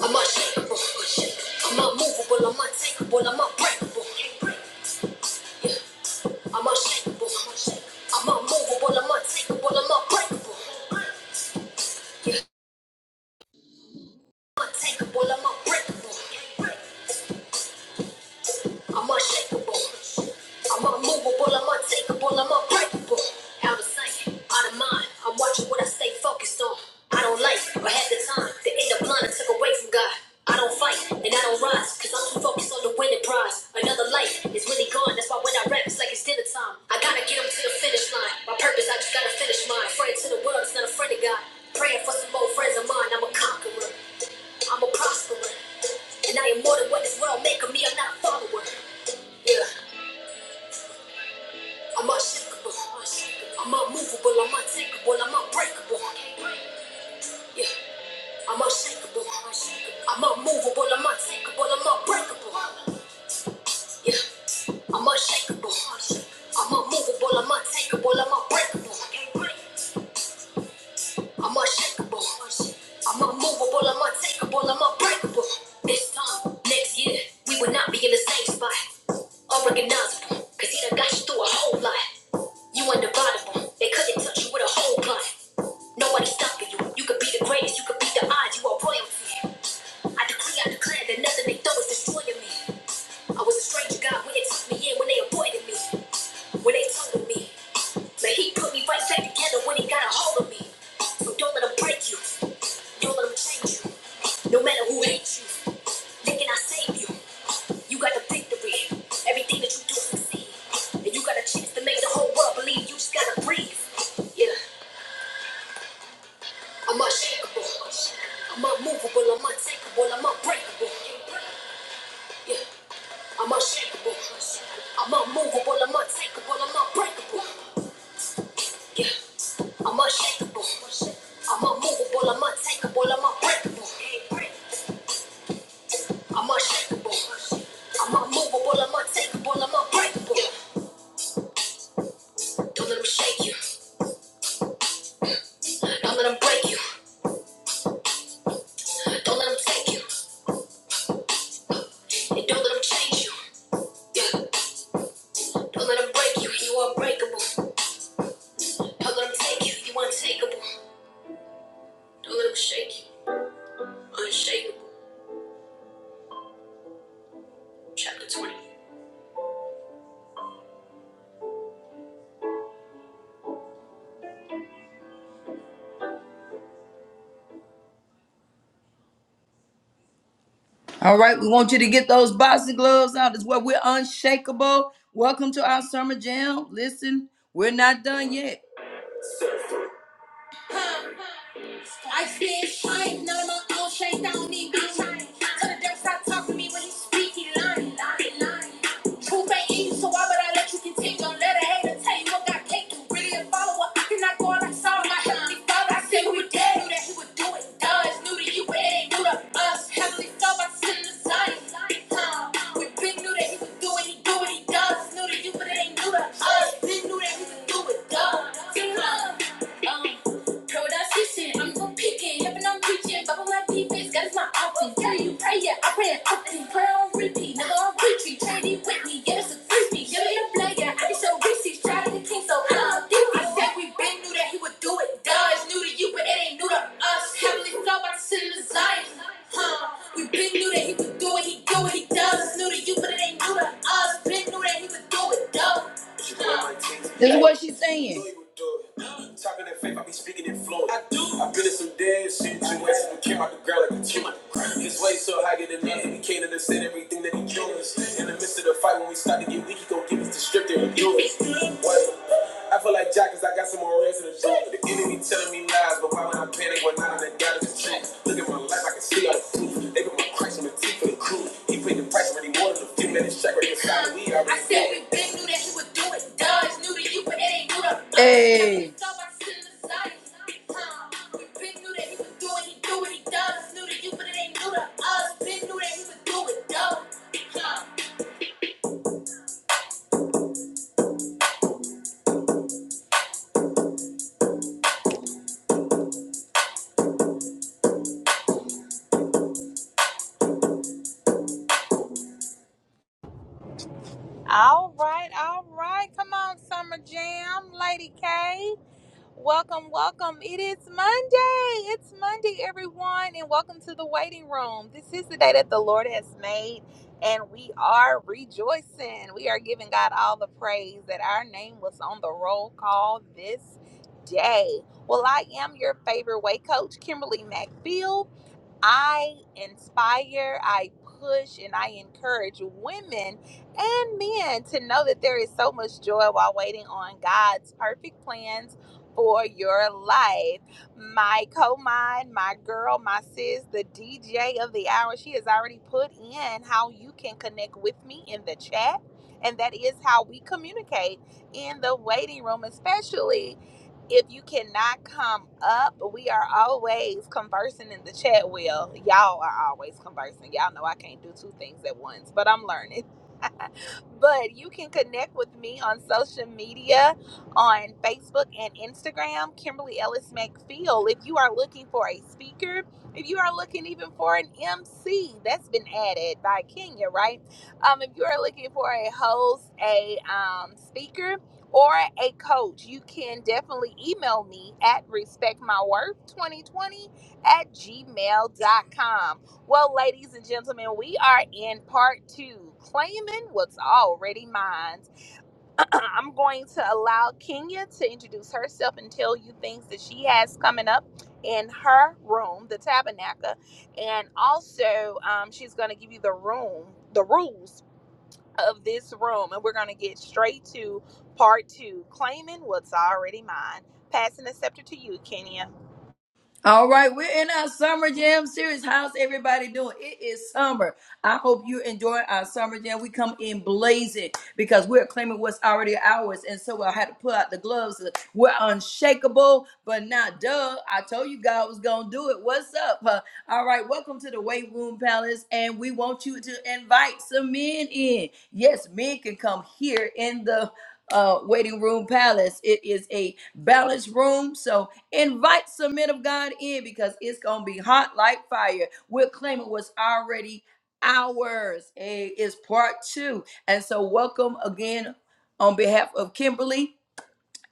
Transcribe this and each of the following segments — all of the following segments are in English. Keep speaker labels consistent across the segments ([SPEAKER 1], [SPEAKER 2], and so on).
[SPEAKER 1] I'm unshakable. I'm unmovable. I'm untakeable. I'm unbreakable. Yeah. I'm unshakable. I'm unmovable. I'm untakeable. I'm unbreakable. I'm Untakeable. I'm unbreakable. I'm unshakable. I'm unmovable. I'm untakeable. I'm unbreakable. Out of sight, out of mind. I'm watching what I stay focused on. I don't like or have the time. to end up blind and took away from God. I don't fight and I don't rise because I'm too focused on the winning prize. Another life is really gone. That's why when I rap, it's like it's dinner time. I gotta get 'em to the finish line. My purpose, I just gotta finish mine. Friend to the world, it's not a friend of God. Praying for some more friends of mine. I'm a conqueror. I'm a prosperer. And I am more than what this world make of me. I'm not a follower. Yeah, I'm unshakable. I'm unmovable. I'm untakeable. I'm unbreakable. Yeah, I'm unshakable. I'm unmovable. I'm untakeable. I'm unbreakable. Yeah, I'm unshakable. I'm unmovable. I'm untakeable. I'm unbreakable. I'm unshakable. I'm unmovable. I'm untakeable. I'm unbreakable. This time, next year, we will not be in the same spot. Unrecognizable, cause he done got you through a whole lot. You undividable. They couldn't touch you with a whole plot. Nobody stopping you. You could be the greatest. You could be the odds. You are royalty. I decree, I declare that nothing they throw is destroying me. I was a stranger. God went and took me in when they avoided me. When they told me, man, he put me right back together when he got a hold of me. So don't let him break you. Don't let him change you. No matter who hates you, thinking I save you. You got the victory. Everything that you do succeed. And you got a chance to make the whole world believe you just gotta breathe. Yeah, I'm unshakable. I'm unmovable. I'm untakeable. I'm unbreakable. Yeah, I'm unshakable. I'm unmovable. I'm untakeable. I'm unbreakable. Yeah. I'm unshakable. I'm unmovable. I'm untakeable. I'm unbreakable. I'm unshakable. I'm unmovable. I'm untakeable. I'm unbreakable. Don't let them shake you. Don't let them break you. Don't let them take you. And don't let them change you. Yeah. Don't let them break you. You unbreakable. Don't let them take you. You untakeable. Don't let them shake you. Unshakable. Chapter 20. All right, we want you to get those boxing gloves out as well. We're unshakable. Welcome to our summer jam. Listen, we're not done yet. I spit shine, none of my own shame don't need me. Tell the devil stop talking to me when he speak, he lying, lying, lying. Truth ain't easy, so why would I let you continue? Don't let a hater tell you what God can't do. Really a follower, I cannot go out like Saul, my heavenly father. I said we dare do that, he would do it. Duh, it's new to you, but it ain't new to us. Heavenly father, I send the Zion. Huh. We been knew that he would do it, he do it, he does. It's new to you, but it ain't new to us. Been knew that he would do it, duh. Huh. Um. Know what I'm teaching. I'm for picking. Yep, and I'm preaching. Bubble my defense. God is my option. Tell you, pray yeah. I pray it often. Prayer on repeat. Nigga on retreat. Trinity with me. Yeah, this is crispy. Give me a player. I can show receipts. Try to the king, so I'm I said we been knew that he would do it. Duh, it's new to you, but it ain't new to us. Heavenly flow, but I'm sitting in Zion. Huh. We been knew that he would do it. He do what he does. It's new to you, but it ain't new to us. Been knew that he would do it. Duh. Huh. This is what she's saying. Talking that faith, I be speaking in flow. I do. I've been in some dead shit, you came out the ground like a chimney. His way so higher than us, and he can't understand everything that he doing. In the midst of the fight, when we start to get weak, he gon' give us the strip there and do it. I feel like Jack, cause I got some more reds in the door. The enemy telling me lies, but why would I panic when none of that doubt is the truth? Look at my life, I can see all the proof. They put my Christ on the teeth for the crew. He paid the price for he wanted to a few minutes check right inside. We already I said we been knew that he would do it. Dodge knew that you, but it ain't new to Hey.
[SPEAKER 2] All right, all right. Come on, Summer Jam, Lady K. Welcome, welcome. It is Monday. It's Monday, everyone, and welcome to the waiting room. This is the day that the Lord has made, and we are rejoicing. We are giving God all the praise that our name was on the roll call this day. Well, I am your favorite way coach, Kimberly MacField. I inspire, I push, and I encourage women and men to know that there is so much joy while waiting on God's perfect plans for your life. My co mind my girl, my sis, the DJ of the hour, she has already put in how you can connect with me in the chat. And that is how we communicate in the waiting room, especially if you cannot come up, we are always conversing in the chat wheel. Y'all are always conversing. Y'all know I can't do two things at once, but I'm learning. But you can connect with me on social media on Facebook and Instagram, Kimberly Ellis McFeel. If you are looking for a speaker, if you are looking even for an MC, that's been added by Kenya, right? Um, if you are looking for a host, a um, speaker, or a coach, you can definitely email me at respectmyworth2020 at gmail dot com. Well, ladies and gentlemen, we are in part two, claiming what's already mine. I'm going to allow Kenya to introduce herself and tell you things that she has coming up in her room, the tabernacle, and also um, she's going to give you the room, the rules of this room, and we're going to get straight to part two, claiming what's already mine. Passing the scepter to you, Kenya.
[SPEAKER 1] All right, we're in our summer jam series. How's everybody doing? It is summer. I hope you're enjoying our summer jam. We come in blazing because we're claiming what's already ours. And so I had to pull out the gloves. We're unshakable, but not duh. I told you God was going to do it. What's up? huh? All right, welcome to the Weight Room Palace. And we want you to invite some men in. Yes, men can come here in the uh, waiting room palace. It is a balanced room. So Invite some men of God in because it's going to be hot like fire. We're claiming what's already ours. Hey, It's part two. And so, welcome again on behalf of Kimberly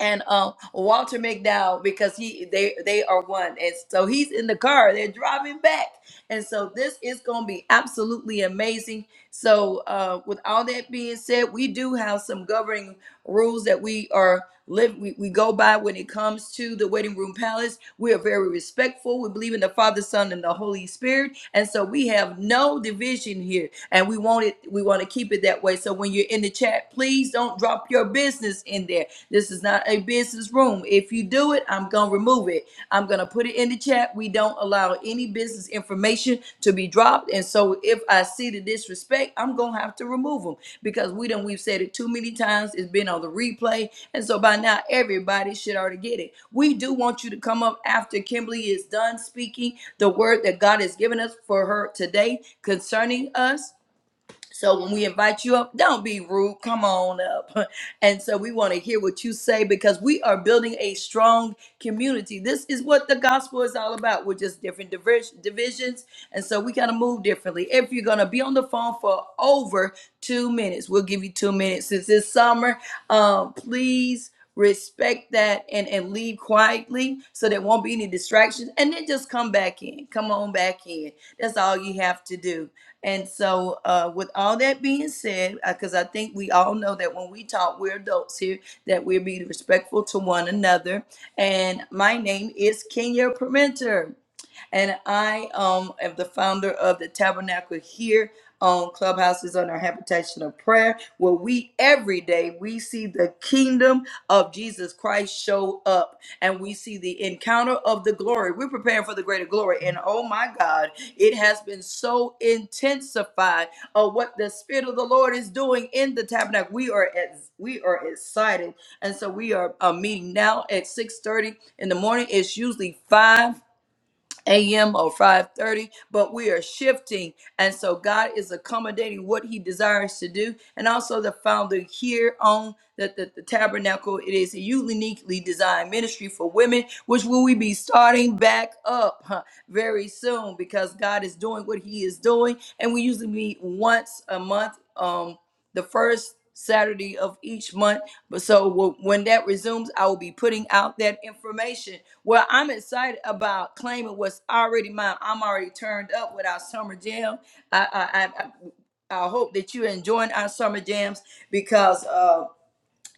[SPEAKER 1] and um, Walter McDowell because he they they are one. And so he's in the car. They're driving back. And so this is going to be absolutely amazing. So, uh, with all that being said, we do have some governing rules that we are live we, we go by when it comes to the waiting room palace. We are very respectful. We believe in the Father, Son, and the Holy Spirit, and so we have no division here, and we want it. We want to keep it that way. So when you're in the chat, please don't drop your business in there. This is not a business room. If you do it do it, I'm going to remove it. I'm going to put it in the chat. We don't allow any business information to be dropped. And so if I see the disrespect, I'm going to have to remove them because we done, we've said it too many times. It's been on the replay. And so by now, everybody should already get it. We do want you to come up after Kimberly is done speaking the word that God has given us for her today concerning us. So when we invite you up, don't be rude. Come on up. And so we want to hear what you say because we are building a strong community. This is what the gospel is all about. We're just different divers- divisions. And so we got to move differently. If you're going to be on the phone for over two minutes, we'll give you two minutes. Since it's summer, um, please respect that and, and leave quietly so there won't be any distractions and then just come back in come on back in that's all you have to do and so uh, with all that being said because i think we all know that when we talk we're adults here that we'll be respectful to one another and my name is kenya permenter and I um am the founder of the Tabernacle here on Clubhouses on our Habitation of Prayer, where we every day we see the kingdom of Jesus Christ show up, and we see the encounter of the glory. We're preparing for the greater glory, and oh my God, it has been so intensified of what the Spirit of the Lord is doing in the Tabernacle. We are ex- we are excited, and so we are uh, meeting now at six thirty in the morning. It's usually five a.m. or 5:30, but we are shifting, and so God is accommodating what He desires to do, and also the founder here on the, the, the tabernacle. It is a uniquely designed ministry for women, which will we be starting back up huh, very soon because God is doing what He is doing, and we usually meet once a month. Um, the first Saturday of each month. But so when that resumes, I will be putting out that information. Well, I'm excited about claiming what's already mine. I'm already turned up with our summer jam. I I I, I I hope that you're enjoying our summer jams because. uh,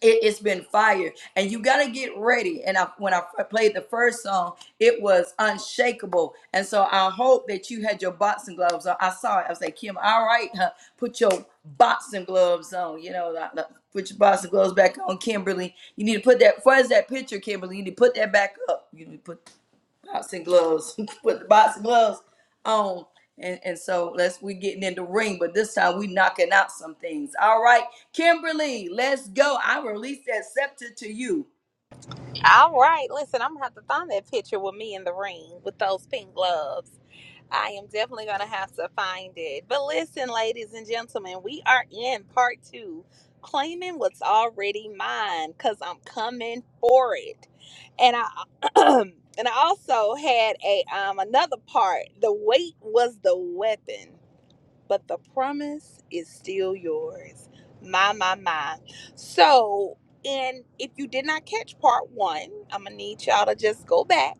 [SPEAKER 1] it, it's been fire and you gotta get ready and i when i f- played the first song it was unshakable and so i hope that you had your boxing gloves on i saw it i was like kim all right huh, put your boxing gloves on you know like, like, put your boxing gloves back on kimberly you need to put that where's that picture kimberly you need to put that back up you need to put boxing gloves, put the boxing gloves on. And, and so let's we getting in the ring, but this time we knocking out some things. All right, Kimberly, let's go. I release that scepter to you.
[SPEAKER 2] All right, listen, I'm gonna have to find that picture with me in the ring with those pink gloves. I am definitely going to have to find it. But listen, ladies and gentlemen, we are in part two claiming what's already mine because I'm coming for it. And I. And I also had a um another part. The weight was the weapon but the promise is still yours. My, my, my. So, and if you did not catch part one, I'm gonna need y'all to just go back.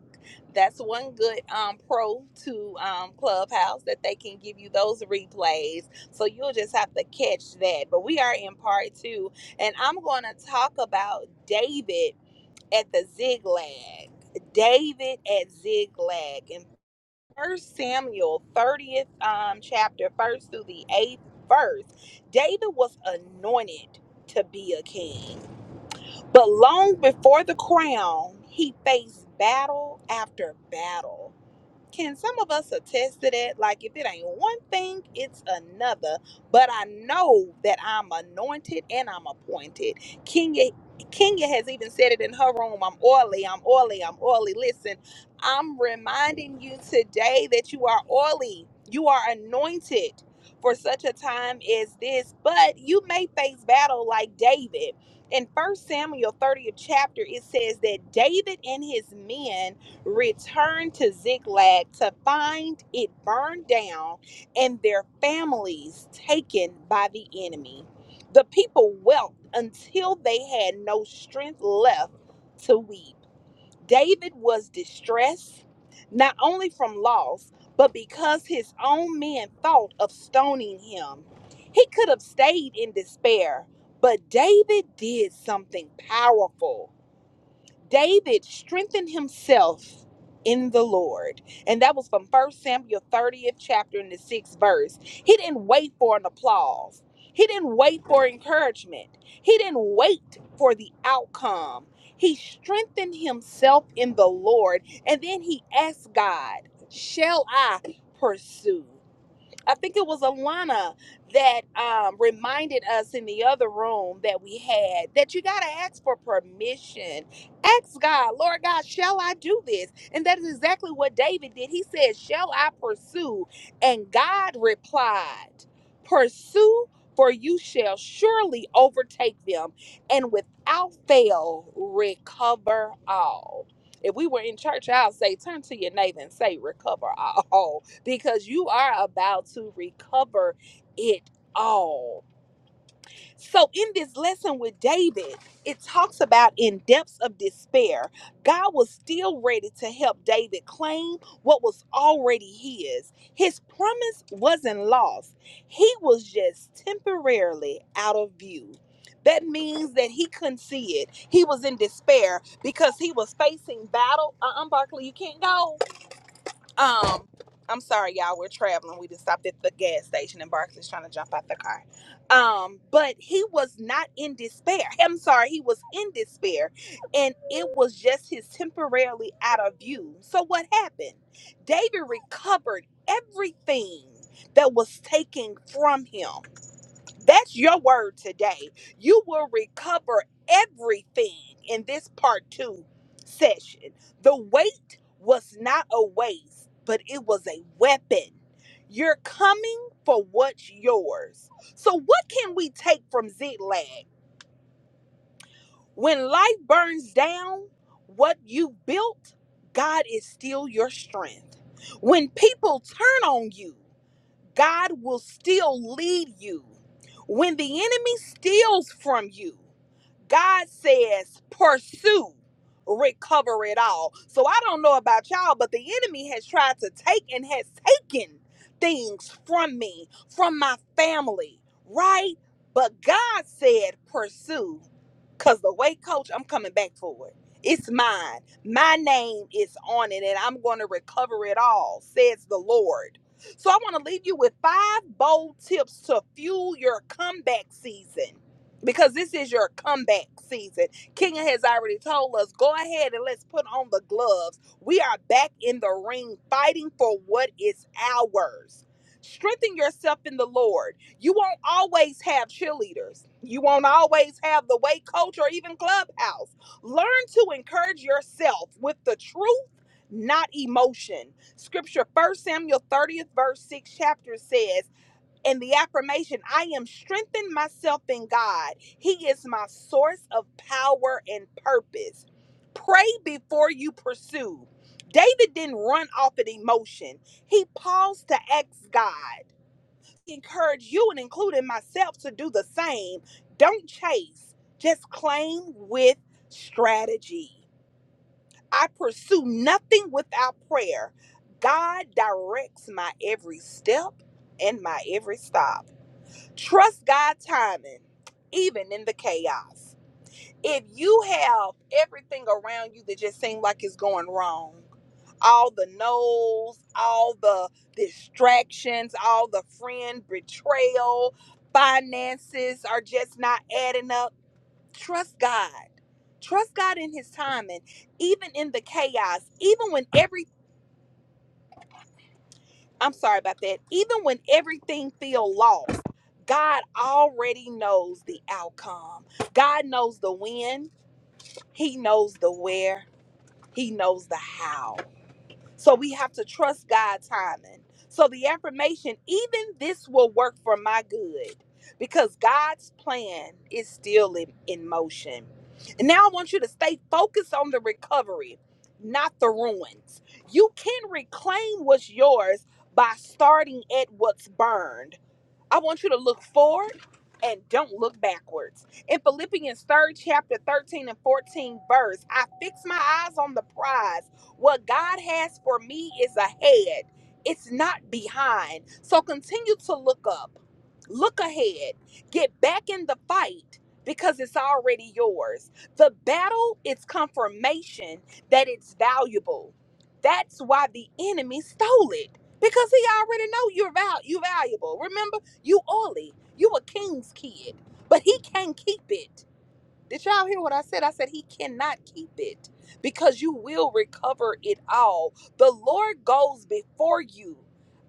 [SPEAKER 2] That's one good um, pro to um, Clubhouse that they can give you those replays. So you'll just have to catch that. But we are in part two, and I'm gonna talk about David at the Ziglag. David at Ziklag. and. First Samuel 30th um, chapter, first through the eighth verse, David was anointed to be a king. But long before the crown, he faced battle after battle. Can some of us attest to that? Like, if it ain't one thing, it's another. But I know that I'm anointed and I'm appointed. Kenya, Kenya has even said it in her room I'm oily, I'm oily, I'm oily. Listen, I'm reminding you today that you are oily, you are anointed for such a time as this. But you may face battle like David. In First Samuel 30th chapter, it says that David and his men returned to Ziklag to find it burned down and their families taken by the enemy. The people wept until they had no strength left to weep. David was distressed, not only from loss, but because his own men thought of stoning him. He could have stayed in despair, but David did something powerful. David strengthened himself in the Lord. And that was from First Samuel 30th chapter in the sixth verse. He didn't wait for an applause. He didn't wait for encouragement. He didn't wait for the outcome. He strengthened himself in the Lord. And then he asked God, Shall I pursue? I think it was Alana that um, reminded us in the other room that we had that you got to ask for permission. Ask God, Lord God, shall I do this? And that is exactly what David did. He said, Shall I pursue? And God replied, Pursue, for you shall surely overtake them and without fail recover all. If we were in church, I'll say, Turn to your neighbor and say, Recover all because you are about to recover it all. So, in this lesson with David, it talks about in depths of despair, God was still ready to help David claim what was already his. His promise wasn't lost, he was just temporarily out of view. That means that he couldn't see it. He was in despair because he was facing battle. Uh uh Barkley, you can't go um, I'm sorry, y'all. We're traveling. We just stopped at the gas station, and Barkley's trying to jump out the car. Um, but he was not in despair. I'm sorry, he was in despair, and it was just his temporarily out of view. So what happened? David recovered everything that was taken from him. That's your word today. You will recover everything in this part two session. The weight was not a waste, but it was a weapon. You're coming for what's yours. So, what can we take from Ziklag? When life burns down, what you built, God is still your strength. When people turn on you, God will still lead you. When the enemy steals from you, God says, pursue, recover it all. So I don't know about y'all, but the enemy has tried to take and has taken things from me, from my family, right? But God said, pursue, because the way, coach, I'm coming back for it. It's mine. My name is on it, and I'm going to recover it all, says the Lord. So I want to leave you with five bold tips to fuel your comeback season. Because this is your comeback season. King has already told us go ahead and let's put on the gloves. We are back in the ring fighting for what is ours. Strengthen yourself in the Lord. You won't always have cheerleaders, you won't always have the weight coach or even clubhouse. Learn to encourage yourself with the truth, not emotion. Scripture, First Samuel 30th, verse 6 chapter says, in the affirmation, I am strengthened myself in God. He is my source of power and purpose. Pray before you pursue. David didn't run off at emotion. He paused to ask God. I Encourage you and including myself to do the same. Don't chase, just claim with strategy. I pursue nothing without prayer. God directs my every step and my every stop. Trust God's timing, even in the chaos. If you have everything around you that just seems like it's going wrong, all the no's, all the distractions, all the friend betrayal, finances are just not adding up trust God. Trust God in his timing, even in the chaos, even when every I'm sorry about that. Even when everything feel lost, God already knows the outcome. God knows the when, he knows the where, he knows the how. So we have to trust God's timing. So the affirmation, even this will work for my good because God's plan is still in, in motion. And now I want you to stay focused on the recovery, not the ruins. You can reclaim what's yours by starting at what's burned. I want you to look forward and don't look backwards. In Philippians third chapter 13 and 14 verse, I fix my eyes on the prize. What God has for me is ahead. It's not behind. So continue to look up. Look ahead. Get back in the fight because it's already yours. The battle is confirmation that it's valuable. That's why the enemy stole it because he already know you're val- you valuable. Remember you oily. You a king's kid. But he can not keep it. Did y'all hear what I said? I said he cannot keep it because you will recover it all. The Lord goes before you.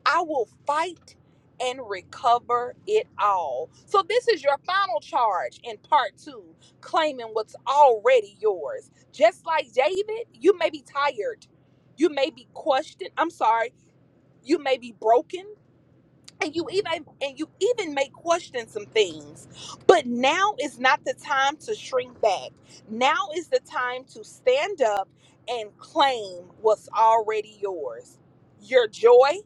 [SPEAKER 2] I will fight and recover it all. So this is your final charge in part 2, claiming what's already yours. Just like David, you may be tired. You may be questioned. I'm sorry. You may be broken and you even and you even may question some things but now is not the time to shrink back now is the time to stand up and claim what's already yours your joy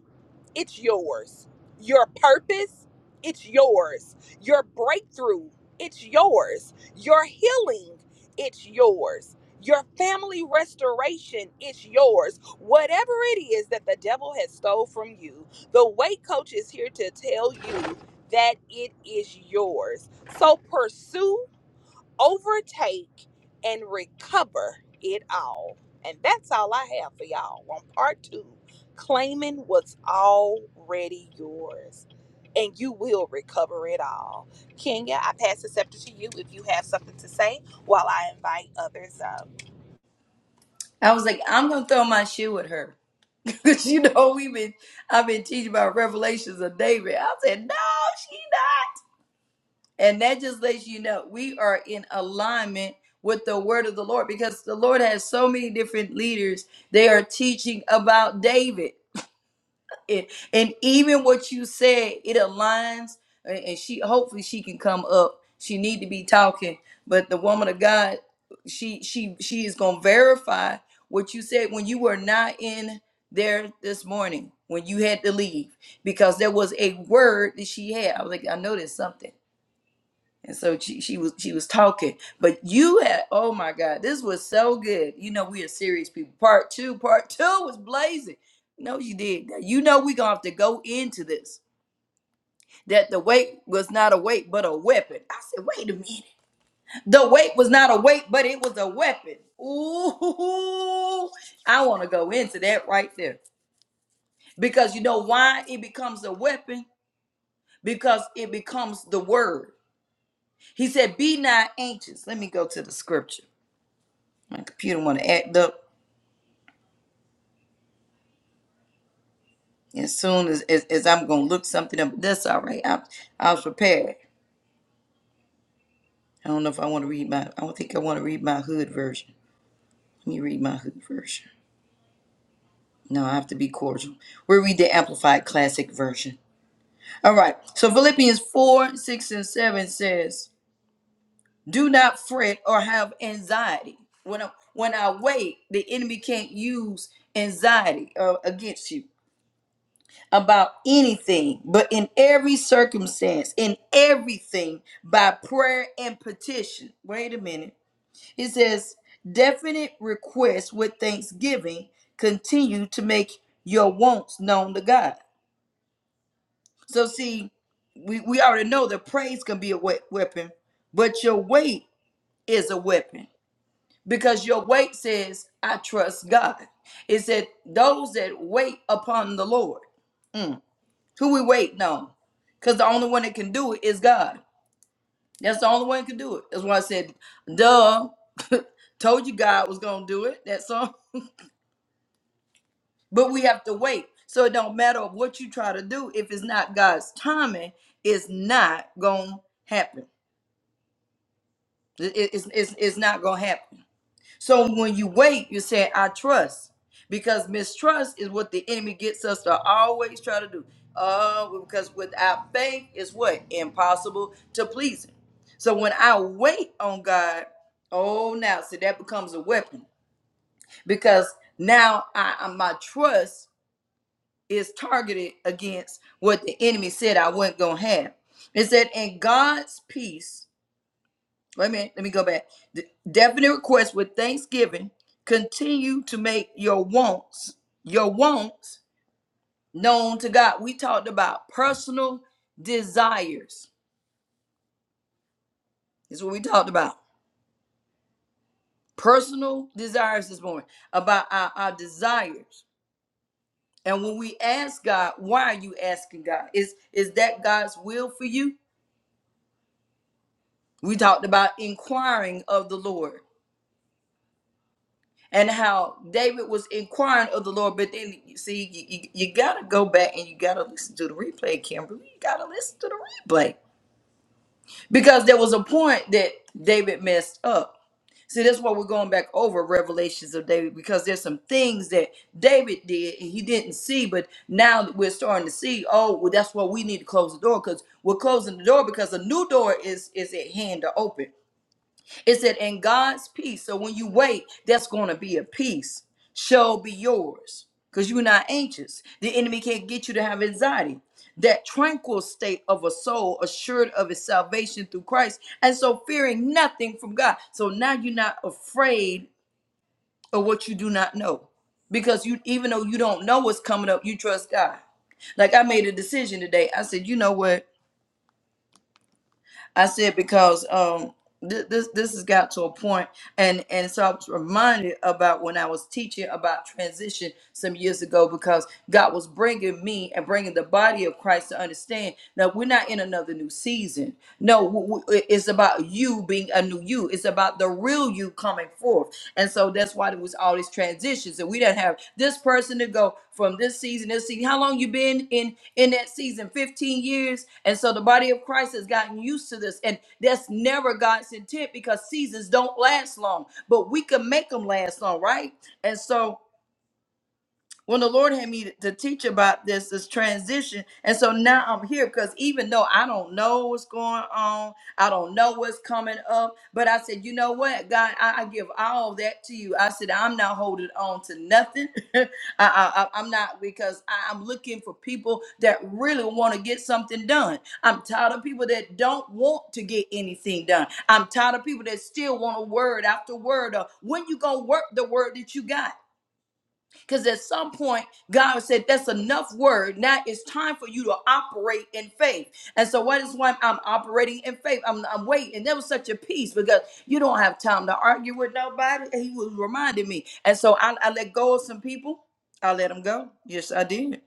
[SPEAKER 2] it's yours. Your purpose, it's yours. Your breakthrough, it's yours. Your healing, it's yours. Your family restoration, it's yours. Whatever it is that the devil has stole from you, the weight coach is here to tell you that it is yours. So pursue overtake and recover it all. And that's all I have for y'all on part two claiming what's already yours. And you will recover it all. Kenya, I pass the scepter to you if you have something to say while I invite others up.
[SPEAKER 1] I was like, I'm gonna throw my shoe at her. Cause you know we've been I've been teaching about revelations of David. I said, No, she not. And that just lets you know we are in alignment with the word of the Lord because the Lord has so many different leaders. They are teaching about David. and, and even what you said, it aligns. And and she hopefully she can come up. She need to be talking. But the woman of God, she she she is gonna verify what you said when you were not in there this morning when you had to leave because there was a word that she had. I was like, I know there's something. And so she, she was she was talking. But you had oh my God, this was so good. You know, we are serious people. Part two, part two was blazing. No, you did. that. You know we are gonna have to go into this. That the weight was not a weight but a weapon. I said, wait a minute. The weight was not a weight, but it was a weapon. Ooh, I want to go into that right there. Because you know why it becomes a weapon? Because it becomes the word. He said, Be not anxious. Let me go to the scripture. My computer want to act up as soon as, as, as I'm going to look something up. That's all right. I, I was prepared. I don't know if I want to read my, I don't think I want to read my hood version. Let me read my hood version. No, I have to be cordial. We'll read the Amplified Classic version. All right. So Philippians 4, 6, and 7 says, Do not fret or have anxiety. When I, when I wait, the enemy can't use anxiety uh, against you. about anything, but in every circumstance, in everything, by prayer and petition. Wait a minute. It says, definite requests with thanksgiving continue to make your wants known to God. So, see, we, we already know that praise can be a we- weapon, but your weight is a weapon because your weight says, I trust God. It said, those that wait upon the Lord. Who we waiting on? Because the only one that can do it is God. That's the only one that can do it. That's why I said, duh. Told you God was gonna do it. That's all. But we have to wait. So it don't matter of what you try to do, if it's not God's timing, it's not gonna happen. It- it- it's, it's, it's not gonna happen. So when you wait, you say, I trust. Because mistrust is what the enemy gets us to always try to do. Uh, because without faith is what? Impossible to please him. So when I wait on God, oh now, see that becomes a weapon. Because now I I- my trust is targeted against what the enemy said I wasn't gonna have. It said, in God's peace Wait a minute, let me go back. The definite request with thanksgiving continue to make your wants, your wants known to God. We talked about personal desires. Is what we talked about. Personal desires this morning. About our, our desires. And when we ask God, why are you asking God? Is is that God's will for you? We talked about inquiring of the Lord. and how David was inquiring of the Lord. But then you see, you, you, you got to go back and you got to listen to the replay, Kimberly. You got to listen to the replay because there was a point that David messed up. See, that's why we're going back over revelations of David because there's some things that David did and he didn't see, but now that we're starting to see. Oh, well, that's why we need to close the door because we're closing the door because a new door is is at hand to open. It said, and God's peace. So when you wait, that's going to be a peace, shall be yours because you're not anxious. The enemy can't get you to have anxiety. That tranquil state of a soul assured of its salvation through Christ, and so fearing nothing from God. So now you're not afraid of what you do not know because you, even though you don't know what's coming up, you trust God. Like I made a decision today. I said, you know what? I said because um th- this this has got to a point and and so I was reminded about when I was teaching about transition some years ago because God was bringing me and bringing the body of Christ to understand that we're not in another new season no w- w- it's about you being a new you it's about the about the real you coming forth. And so that's why there was all these transitions. And we didn't have this person to go from this season, this season. How long you been in in that season? 15 years. And so the body of Christ has gotten used to this. And that's never God's intent because seasons don't last long, but we can make them last long, right? And so when the Lord had me to teach about this this transition, and so now I'm here because even though I don't know what's going on, I don't know what's coming up, but I said, you know what, God, I, I give all that to you. I said, I'm not holding on to nothing. I, I, I- I'm not because I, I'm looking for people that really want to get something done. I'm tired of people that don't want to get anything done. I'm tired of people that still want a word after word. Or when you gonna work the word that you got? Because at some point, God said, That's enough word. Now it's time for you to operate in faith. And so, what is why I'm operating in faith? I'm, I'm waiting. And there was such a peace because you don't have time to argue with nobody. He was reminding me. And so, I, I let go of some people. I let them go. Yes, I did.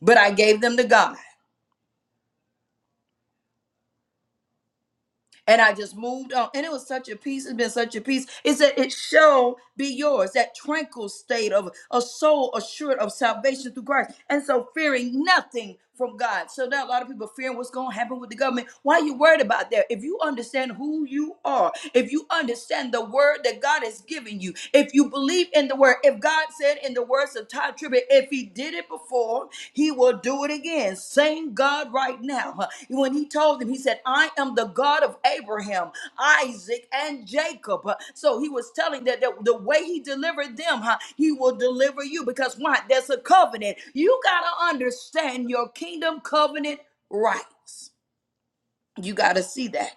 [SPEAKER 1] But I gave them to God. and I just moved on. And it was such a peace. It's been such a peace. It said, It shall be yours, that tranquil state of a soul assured of salvation through Christ. And so fearing nothing from God. So now a lot of people fearing what's going to happen with the government. Why are you worried about that? If you understand who you are, if you understand the word that God has given you, if you believe in the word, if God said said in the words of Todd Tribbett, if he did it before, he will do it again. Same God right now. huh? When he told them, he said, I am the God of Abraham, Isaac, and Jacob. huh? So he was telling that the, the way he delivered them, huh, he will deliver you because why? There's a covenant. You got to understand your kingdom covenant rights. You got to see that.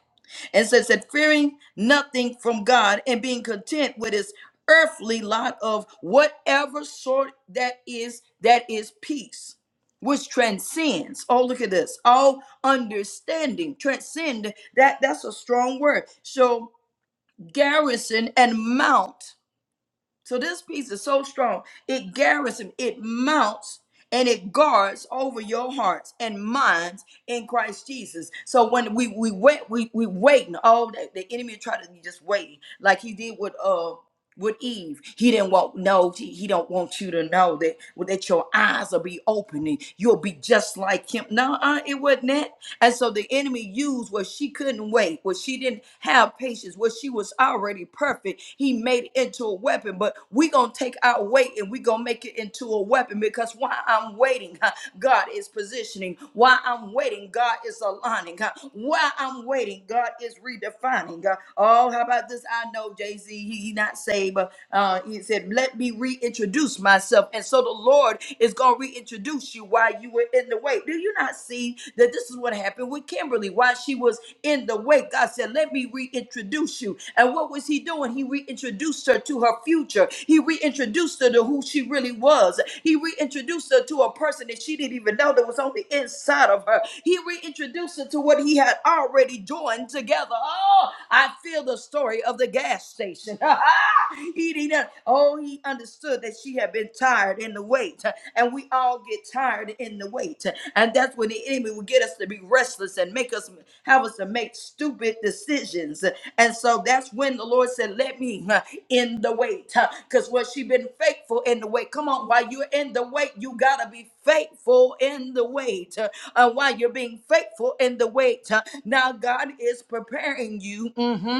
[SPEAKER 1] And says that fearing nothing from God and being content with his earthly lot of whatever sort that is, that is peace, which transcends. Oh, look at this. All understanding, transcend. That that's a strong word. So garrison and mount. So this peace is so strong, it garrison, it mounts, and it guards over your hearts and minds in Christ Jesus. So when we we wait, we we waiting. Oh, the, the enemy try to be just waiting, like he did with uh with Eve. He didn't want no. He, he don't want you to know that that your eyes will be opening. You'll be just like him. No, uh, it wasn't that. And so the enemy used where she couldn't wait, where she didn't have patience, where she was already perfect. He made it into a weapon. But we gonna take our weight and we gonna make it into a weapon because while I'm waiting, huh, God is positioning. While I'm waiting, God is aligning. huh. While I'm waiting, God is redefining. huh. Oh, how about this? I know Jay Z see he, he not saved, but uh, he said, "Let me reintroduce myself." And so the Lord is gonna reintroduce you while you were in the wait. Do you not see that this is what happened with Kimberly while she was in the wait? God said, "Let me reintroduce you." And what was He doing? He reintroduced her to her future. He reintroduced her to who she really was. He reintroduced her to a person that she didn't even know that was on the inside of her. He reintroduced her to what He had already joined together. Oh, I feel the story of of the gas station. he didn't, oh, he understood that she had been tired in the wait. And we all get tired in the wait. And that's when the enemy will get us to be restless and make us have us to make stupid decisions. And so that's when the Lord said, Let me uh, in the wait. Because what she been faithful in the wait. Come on, while you're in the wait, you gotta be faithful in the wait. Uh, while you're being faithful in the wait, uh, now God is preparing you. mm-hmm,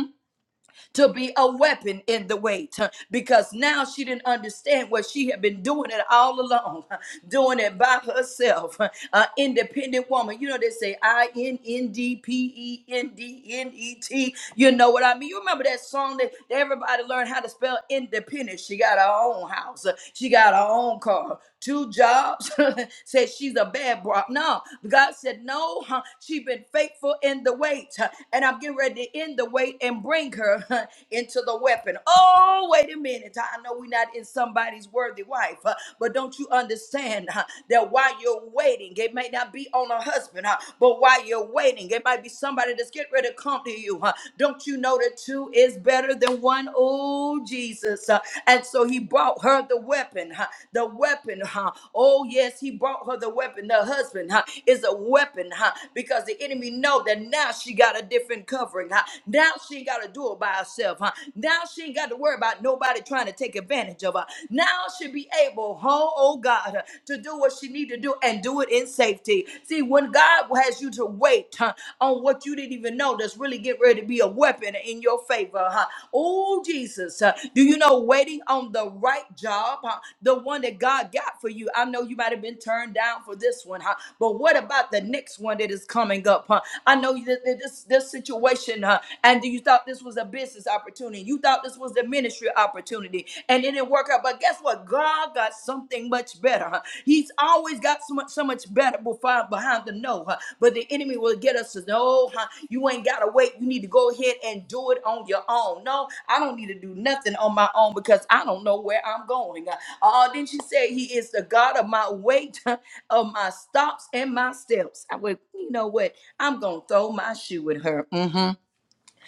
[SPEAKER 1] to be a weapon in the weight huh, because now she didn't understand what she had been doing it all along, huh, doing it by herself. huh, An independent woman. You know, they say I N N D P E N D N E T. You know what I mean? You remember that song that that everybody learned how to spell independent? She got her own house, uh, she got her own car, huh? two jobs. said she's a bad bro. No, God said, No, huh, she been faithful in the wait, huh, and I'm getting ready to end the wait and bring anger into the weapon. Oh, wait a minute. I know we're not in somebody's worthy wife, uh, but don't you understand uh, that while you're waiting, it may not be on a husband, uh, but while you're waiting, it might be somebody that's getting ready to come to you. uh, Don't you know that two is better than one? Oh, Jesus. uh, And so he brought her the weapon, uh, the weapon. uh, Oh, yes, he brought her the weapon. The husband uh, is a weapon huh, because the enemy know that now she got a different covering. huh. Now she ain't got to do it by herself, huh? Now she ain't got to worry about nobody trying to take advantage of her. Now she'll be able, oh, oh God, uh, to do what she need to do and do it in safety. See, when God has you to wait huh, on what you didn't even know that's really getting ready to be a weapon in your favor, huh? Oh, Jesus, uh, do you know waiting on the right job, huh? the one that God got for you? I know you might have been turned down for this one, huh? but what about the next one that is coming up? Huh? I know that that this this situation, huh? and you thought this was a business opportunity. You thought this was a ministry opportunity, and it didn't work out. But guess what? God got something much better. huh? He's always got so much, so much better before, behind the no. huh? But the enemy will get us to no, huh? you ain't gotta wait. You need to go ahead and do it on your own. No, I don't need to do nothing on my own because I don't know where I'm going. huh? Oh, didn't she say he is the God of my weight, of my stops and my steps? I would, you know what? I'm gonna throw my shoe at her. Mhm.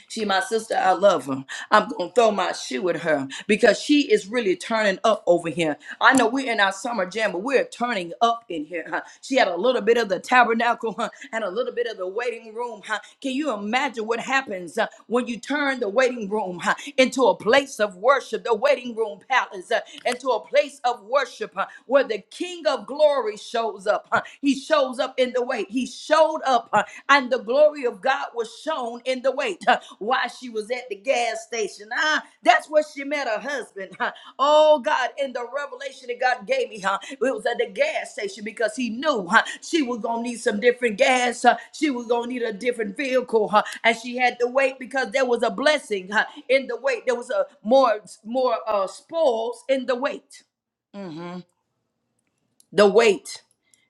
[SPEAKER 1] She my sister, I love her. I'm gonna throw my shoe at her because she is really turning up over here. I know we're in our summer jam, but we're turning up in here. huh? She had a little bit of the tabernacle huh, and a little bit of the waiting room. huh? Can you imagine what happens uh, when you turn the waiting room huh, into a place of worship, the waiting room palace, uh, into a place of worship huh, where the King of Glory shows up? huh? He shows up in in the wait. He showed up, uh, and the glory of God was shown in the wait. Uh, while she was at the gas station, ah, that's where she met her husband. huh. Oh God, in the revelation that God gave me, huh? It was at the gas station because He knew huh, she was gonna need some different gas. Huh? She was gonna need a different vehicle, huh? And she had to wait because there was a blessing huh, in the wait. There was a more more uh, spoils in the wait. The wait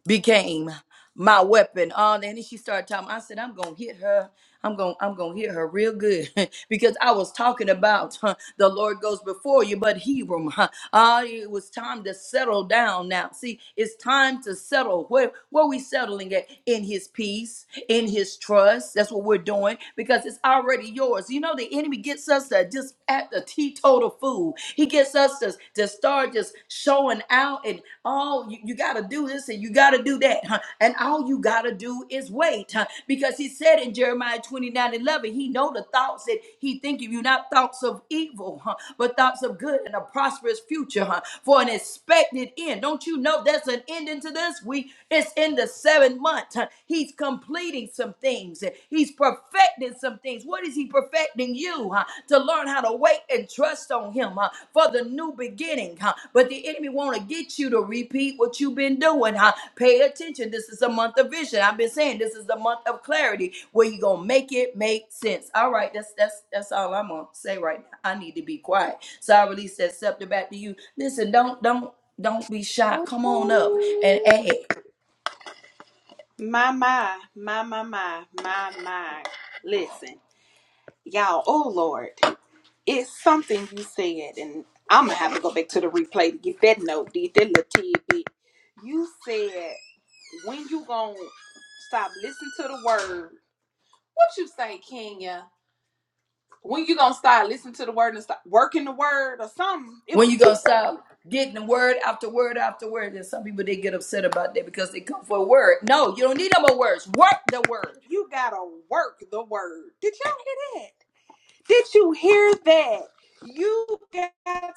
[SPEAKER 1] became my weapon. Oh, and then she started talking. I said, I'm gonna hit her. I'm gonna I'm gonna hit her real good because I was talking about huh, the Lord goes before you, but Hebron. Huh, ah, it was time to settle down now. See, it's time to settle. Where where we settling at? In His peace, in His trust. That's what we're doing because it's already yours. You know, the enemy gets us to just at the teetotal fool. He gets us to, to start just showing out and oh, you, you got to do this and you got to do that. huh? And all you got to do is wait. huh? Because he said in Jeremiah 29 11, he know the thoughts that he think of you, not thoughts of evil, huh? but thoughts of good and a prosperous future huh? for an expected end. Don't you know that's an ending to this week? It's in the seventh month. huh? He's completing some things. He's perfecting perfecting some things. What is He perfecting you huh, to learn how to wait and trust on Him huh, for the new beginning? huh? But the enemy want to get you to repeat what you've been doing. Huh? Pay attention. This is a month of vision. I've been saying this is a month of clarity where you gonna make it make sense. All right, that's that's that's all I'm gonna say right now. I need to be quiet. So I release that scepter back to you. Listen, don't don't don't be shy.
[SPEAKER 2] Oh,
[SPEAKER 1] Come on up and add.
[SPEAKER 2] my, my, my, my, my, my, my. Listen, y'all, oh Lord. It's something you said, and I'm gonna have to go back to the replay to get that note, did that little tidbit. You said when you gonna stop listening to the word. What you say, Kenya? When you gonna start listening to the word and start working the word or something? It
[SPEAKER 1] When
[SPEAKER 2] was
[SPEAKER 1] you gonna
[SPEAKER 2] too.
[SPEAKER 1] stop getting word after word after word? And some people they get upset about that because they come for a word. No, you don't need no more words. Work the word.
[SPEAKER 2] You gotta work the word. Did y'all hear that? Did you hear that? You got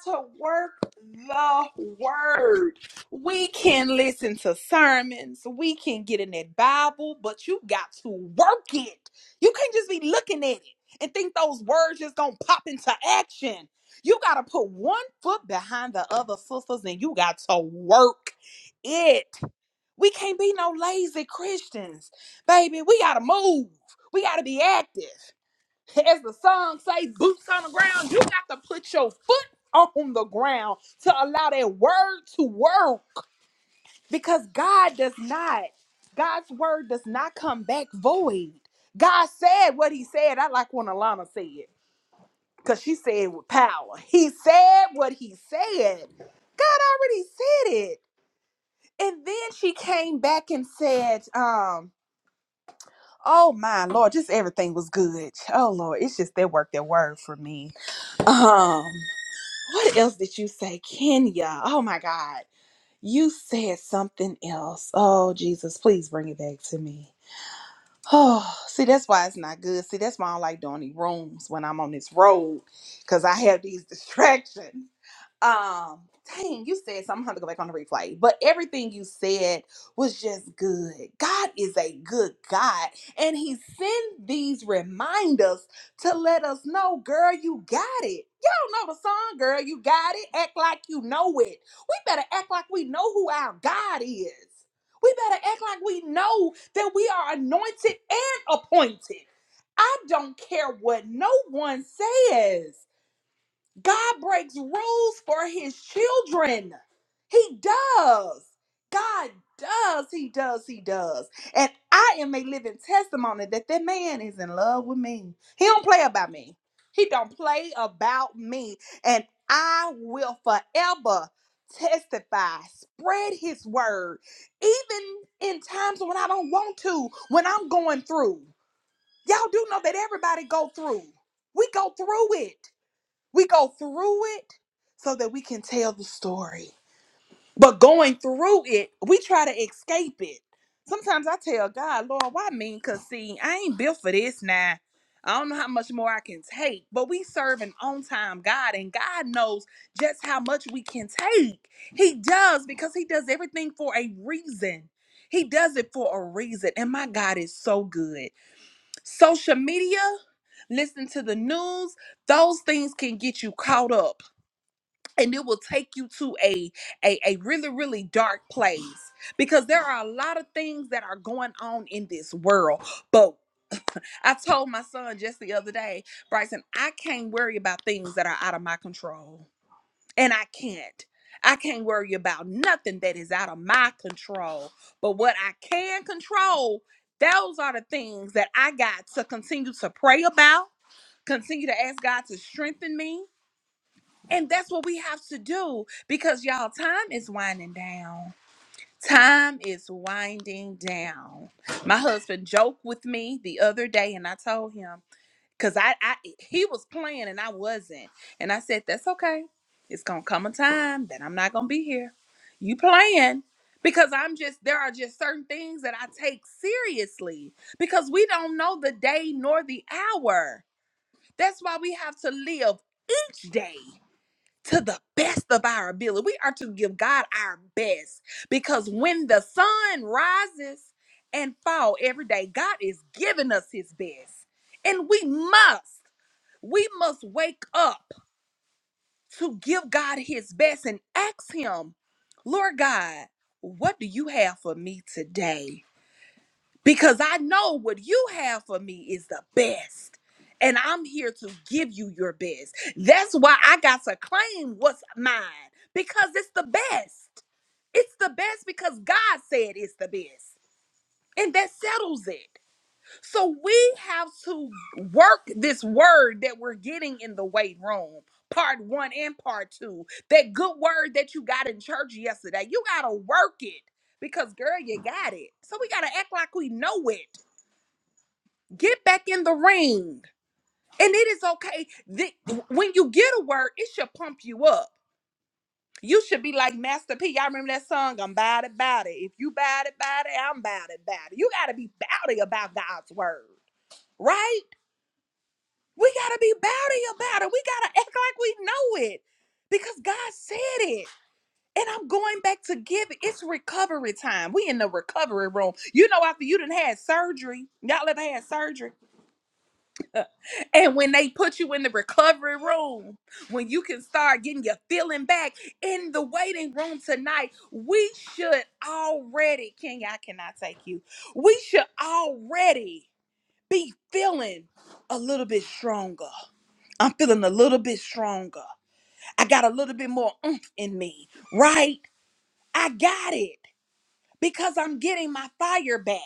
[SPEAKER 2] to work the word. We can listen to sermons, we can get in that Bible, but you got to work it. You can't just be looking at it and think those words just gonna pop into action. You gotta put one foot behind the other, sisters, and you got to work it. We can't be no lazy Christians, baby. We gotta move. We gotta be active as the song says, boots on the ground. You got to put your foot on the ground to allow that word to work because God does not, God's word does not come back void. God said what he said. I like when Alana said, because she said it with power. He said what he said. God already said it. And then she came back and said, um, Oh my Lord, just everything was good. Oh Lord, it's just that work that word for me Um, what else did you say, Kenya? Oh my God, you said something else. Oh Jesus, please bring it back to me. Oh, see, that's why it's not good. See, that's why I don't like doing these rooms when I'm on this road, cause I have these distractions um dang you said something i'm gonna have to go back on the replay but everything you said was just good god is a good god and he sent these reminders to let us know girl you got it y'all know the song girl you got it act like you know it we better act like we know who our god is we better act like we know that we are anointed and appointed i don't care what no one says God breaks rules for his children. He does. God does. He does. He does. And I am a living testimony that that man is in love with me. He don't play about me. He don't play about me. And I will forever testify, spread his word, even in times when I don't want to, when I'm going through. Y'all do know that everybody go through. We go through it. We go through it so that we can tell the story. But going through it, we try to escape it. Sometimes I tell God, Lord, why me? Because see, I ain't built for this now. I don't know how much more I can take, but we serve an on time God, and God knows just how much we can take. He does because He does everything for a reason. He does it for a reason. And my God is so good. Social media, listen to the news, those things can get you caught up and it will take you to a, a a really really dark place because there are a lot of things that are going on in this world but i told my son just the other day bryson i can't worry about things that are out of my control and i can't i can't worry about nothing that is out of my control but what i can control those are the things that i got to continue to pray about continue to ask god to strengthen me and that's what we have to do because y'all, time is winding down. Time is winding down. My husband joked with me the other day, and I told him because I, I he was playing and I wasn't, and I said that's okay. It's gonna come a time that I'm not gonna be here. You playing because I'm just there are just certain things that I take seriously because we don't know the day nor the hour. That's why we have to live each day to the best of our ability. We are to give God our best because when the sun rises and fall every day, God is giving us his best. And we must, we must wake up to give God his best and ask him, Lord God, what do you have for me today? because I know what you have for me is the best. And I'm here to give you your best. That's why I got to claim what's mine because it's the best. It's the best because God said it's the best. And that settles it. So we have to work this word that we're getting in the weight room, part one and part two. That good word that you got in church yesterday, you got to work it because, girl, you got it. So we got to act like we know it Get back in the ring. And it is okay. Th- when you get a word, it should pump you up. You should be like Master P. I remember that song, I'm about it, about it. If you about it, about it, I'm about it, about it. You got to be bowdy about God's word, right? We got to be bowdy about it. We got to act like we know it because God said it. And I'm going back to give it. It's recovery time. We in the recovery room. You know, after you done had surgery, y'all ever had surgery? And when they put you in the recovery room, when you can start getting your feeling back in the waiting room tonight, we should already, Kenya, I cannot take you. We should already be feeling a little bit stronger. I'm feeling a little bit stronger. I got a little bit more oomph in me, right? I got it because I'm getting my fire back.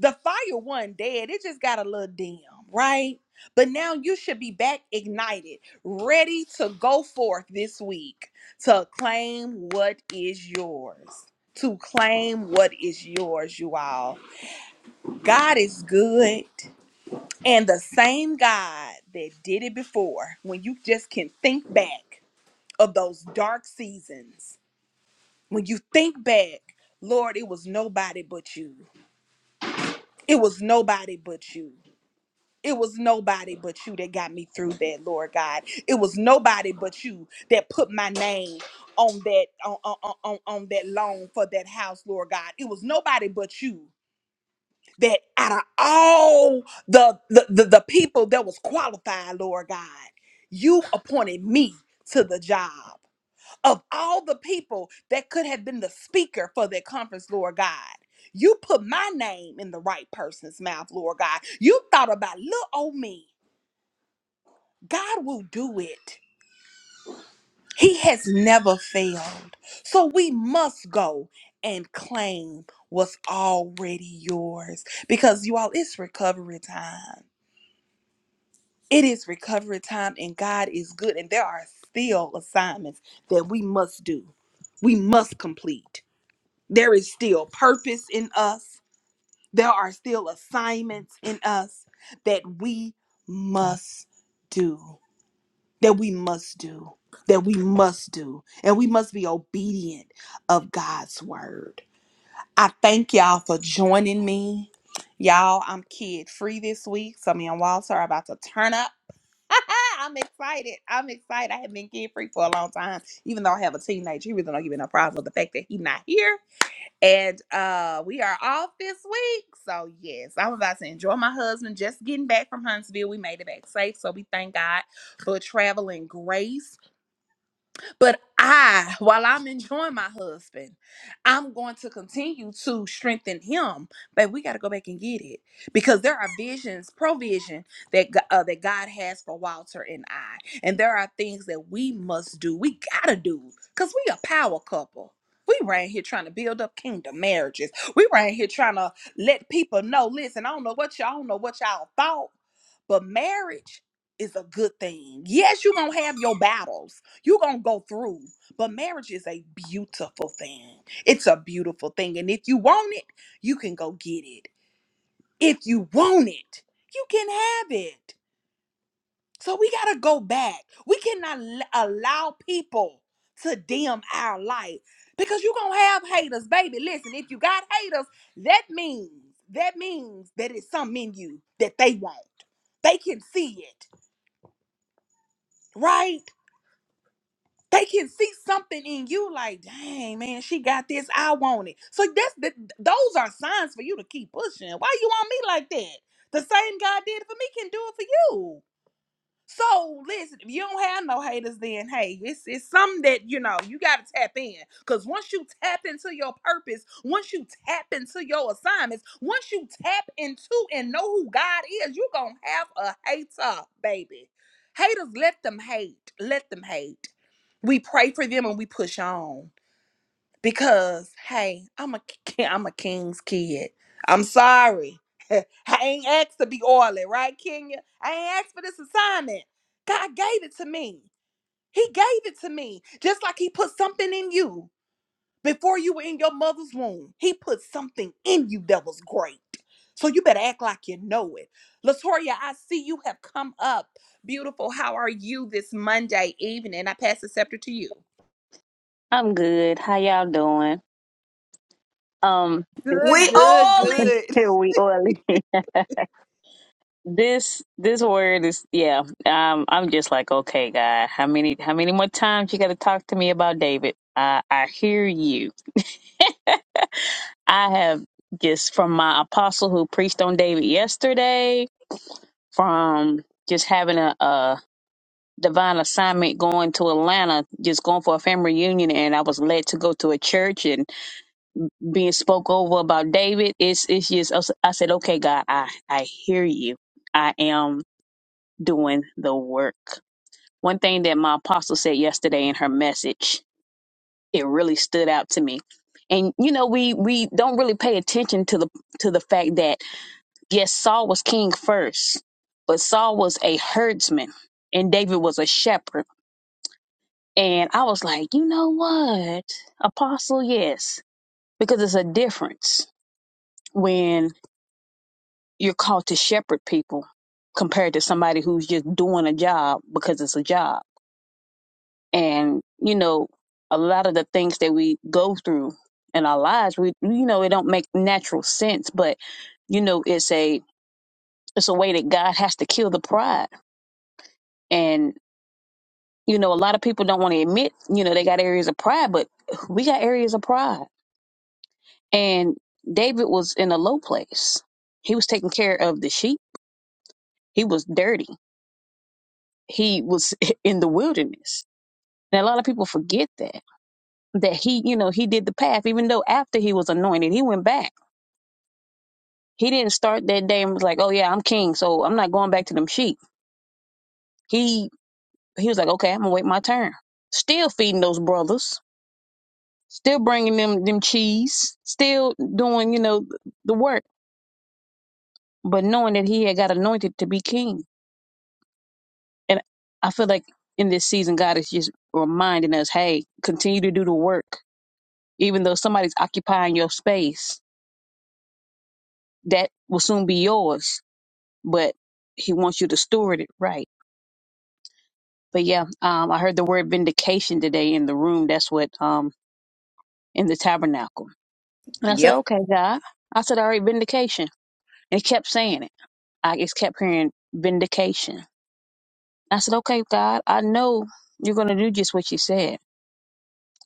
[SPEAKER 2] The fire one dead, it just got a little dim, right? But now you should be back ignited, ready to go forth this week to claim what is yours. To claim what is yours, you all. God is good. And the same God that did it before, when you just can think back of those dark seasons, when you think back, Lord, it was nobody but you. it was nobody but you. It was nobody but you that got me through that, Lord God. It was nobody but you that put my name on that on, on, on, on that loan for that house, Lord God. It was nobody but you that out of all the the, the, the people that was qualified, Lord God, you appointed me to the job of all the people that could have been the speaker for that conference, Lord God. You put my name in the right person's mouth, Lord God. You thought about little old me. God will do it. He has never failed. So we must go and claim what's already yours because you all, it's recovery time. It is recovery time, and God is good. And there are still assignments that we must do, we must complete. There is still purpose in us. There are still assignments in us that we must do, that we must do, that we must do. And we must be obedient of God's word. I thank y'all for joining me. Y'all, I'm kid free this week. So me and Walter are about to turn up. I'm excited. I'm excited. I haven't been kid free for a long time, even though I have a teenager. He really don't give me no problem with the fact that he's not here and uh we are off this week. So yes, I'm about to enjoy my husband just getting back from Huntsville. We made it back safe. So we thank God for traveling grace but I, while I'm enjoying my husband, I'm going to continue to strengthen him. But we got to go back and get it because there are visions, provision that G- uh, that God has for Walter and I, and there are things that we must do. We gotta do because we a power couple. We right here trying to build up kingdom marriages. We right here trying to let people know. Listen, I don't know what y'all I don't know what y'all thought but marriage is a good thing. Yes, you're going to have your battles. You're going to go through. But marriage is a beautiful thing. It's a beautiful thing. And if you want it, you can go get it. If you want it, you can have it. So we got to go back. We cannot l- allow people to dim our light because you're going to have haters, baby. Listen, if you got haters, that means that means that it's something in you that they want. They can see it. right? They can see something in you like, dang, man, she got this. I want it. So that's the, those are signs for you to keep pushing. Why you want me like that? The same God did it for me can do it for you. So listen, if you don't have no haters, then hey, it's it's something that you know you gotta tap in. Cause once you tap into your purpose, once you tap into your assignments, once you tap into and know who God is, you gonna have a hater, baby. Haters, let them hate. Let them hate. We pray for them and we push on. Because hey, I'm a ki- I'm a king's kid. I'm sorry. I ain't asked to be oily, right, Kenya? I ain't asked for this assignment. God gave it to me. He gave it to me. Just like He put something in you before you were in your mother's womb. He put something in you that was great. So you better act like you know it. Latoria, I see you have come up. Beautiful. How are you this Monday evening? I pass the scepter to you.
[SPEAKER 3] I'm good. How y'all doing? Um,
[SPEAKER 2] Good,
[SPEAKER 1] We
[SPEAKER 2] good,
[SPEAKER 1] only
[SPEAKER 2] good.
[SPEAKER 3] we oily. this this word is yeah. Um, I'm just like okay, God. How many how many more times you got to talk to me about David? I I hear you. I have just from my apostle who preached on David yesterday. From just having a, a divine assignment going to Atlanta, just going for a family reunion, and I was led to go to a church and. being spoke over about David. It's it's just I said, okay, God, I I hear you. I am doing the work. One thing that my apostle said yesterday in her message, it really stood out to me. And you know, we we don't really pay attention to the to the fact that yes, Saul was king first, but Saul was a herdsman and David was a shepherd. And I was like, you know what, apostle, yes, because it's a difference when. you're called to shepherd people compared to somebody who's just doing a job because it's a job. And, you know, a lot of the things that we go through in our lives, we you know, it don't make natural sense, but you know, it's a it's a way that God has to kill the pride. And, you know, a lot of people don't want to admit, you know, they got areas of pride, but we got areas of pride. And David was in a low place. He was taking care of the sheep. He was dirty. He was in the wilderness And a lot of people forget that, that he, you know, he did the path, even though after he was anointed, he went back. He didn't start that day and was like, oh, yeah, I'm king, so I'm not going back to them sheep. He he was like, okay, I'm going to wait my turn. Still feeding those brothers, still bringing them them cheese, still doing, you know, the work, but knowing that he had got anointed to be king. And I feel like in this season, God is just reminding us, hey, continue to do the work. Even though somebody's occupying your space, that will soon be yours but he wants you to steward it right. But yeah, um, I heard the word vindication today in the room. That's what um in the tabernacle. And I said,
[SPEAKER 1] Yep.
[SPEAKER 3] okay, God. I said, all right, vindication. And he kept saying it. I just kept hearing vindication. I said, okay, God, I know you're going to do just what you said.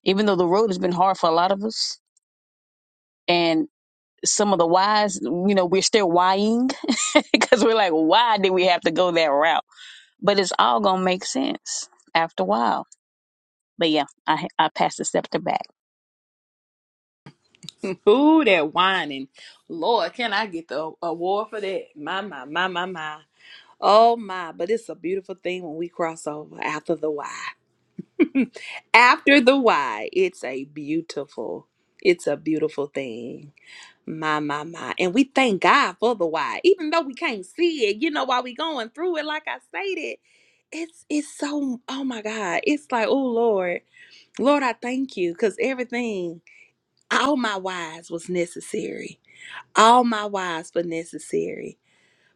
[SPEAKER 3] Even though the road has been hard for a lot of us and some of the whys, you know, we're still whying because we're like, why did we have to go that route? But it's all going to make sense after a while But yeah, I I pass the scepter back.
[SPEAKER 2] Ooh, that whining. Lord, can I get the award for that? My, my, my, my, my. Oh, my. But it's a beautiful thing when we cross over after the why. after the why, it's a beautiful, it's a beautiful thing. My, my, my. And we thank God for the why. Even though we can't see it, you know, while we going through it, like I stated, it's it's so oh my God. It's like, oh Lord, Lord, I thank you. Cause everything, all my whys was necessary. All my whys were necessary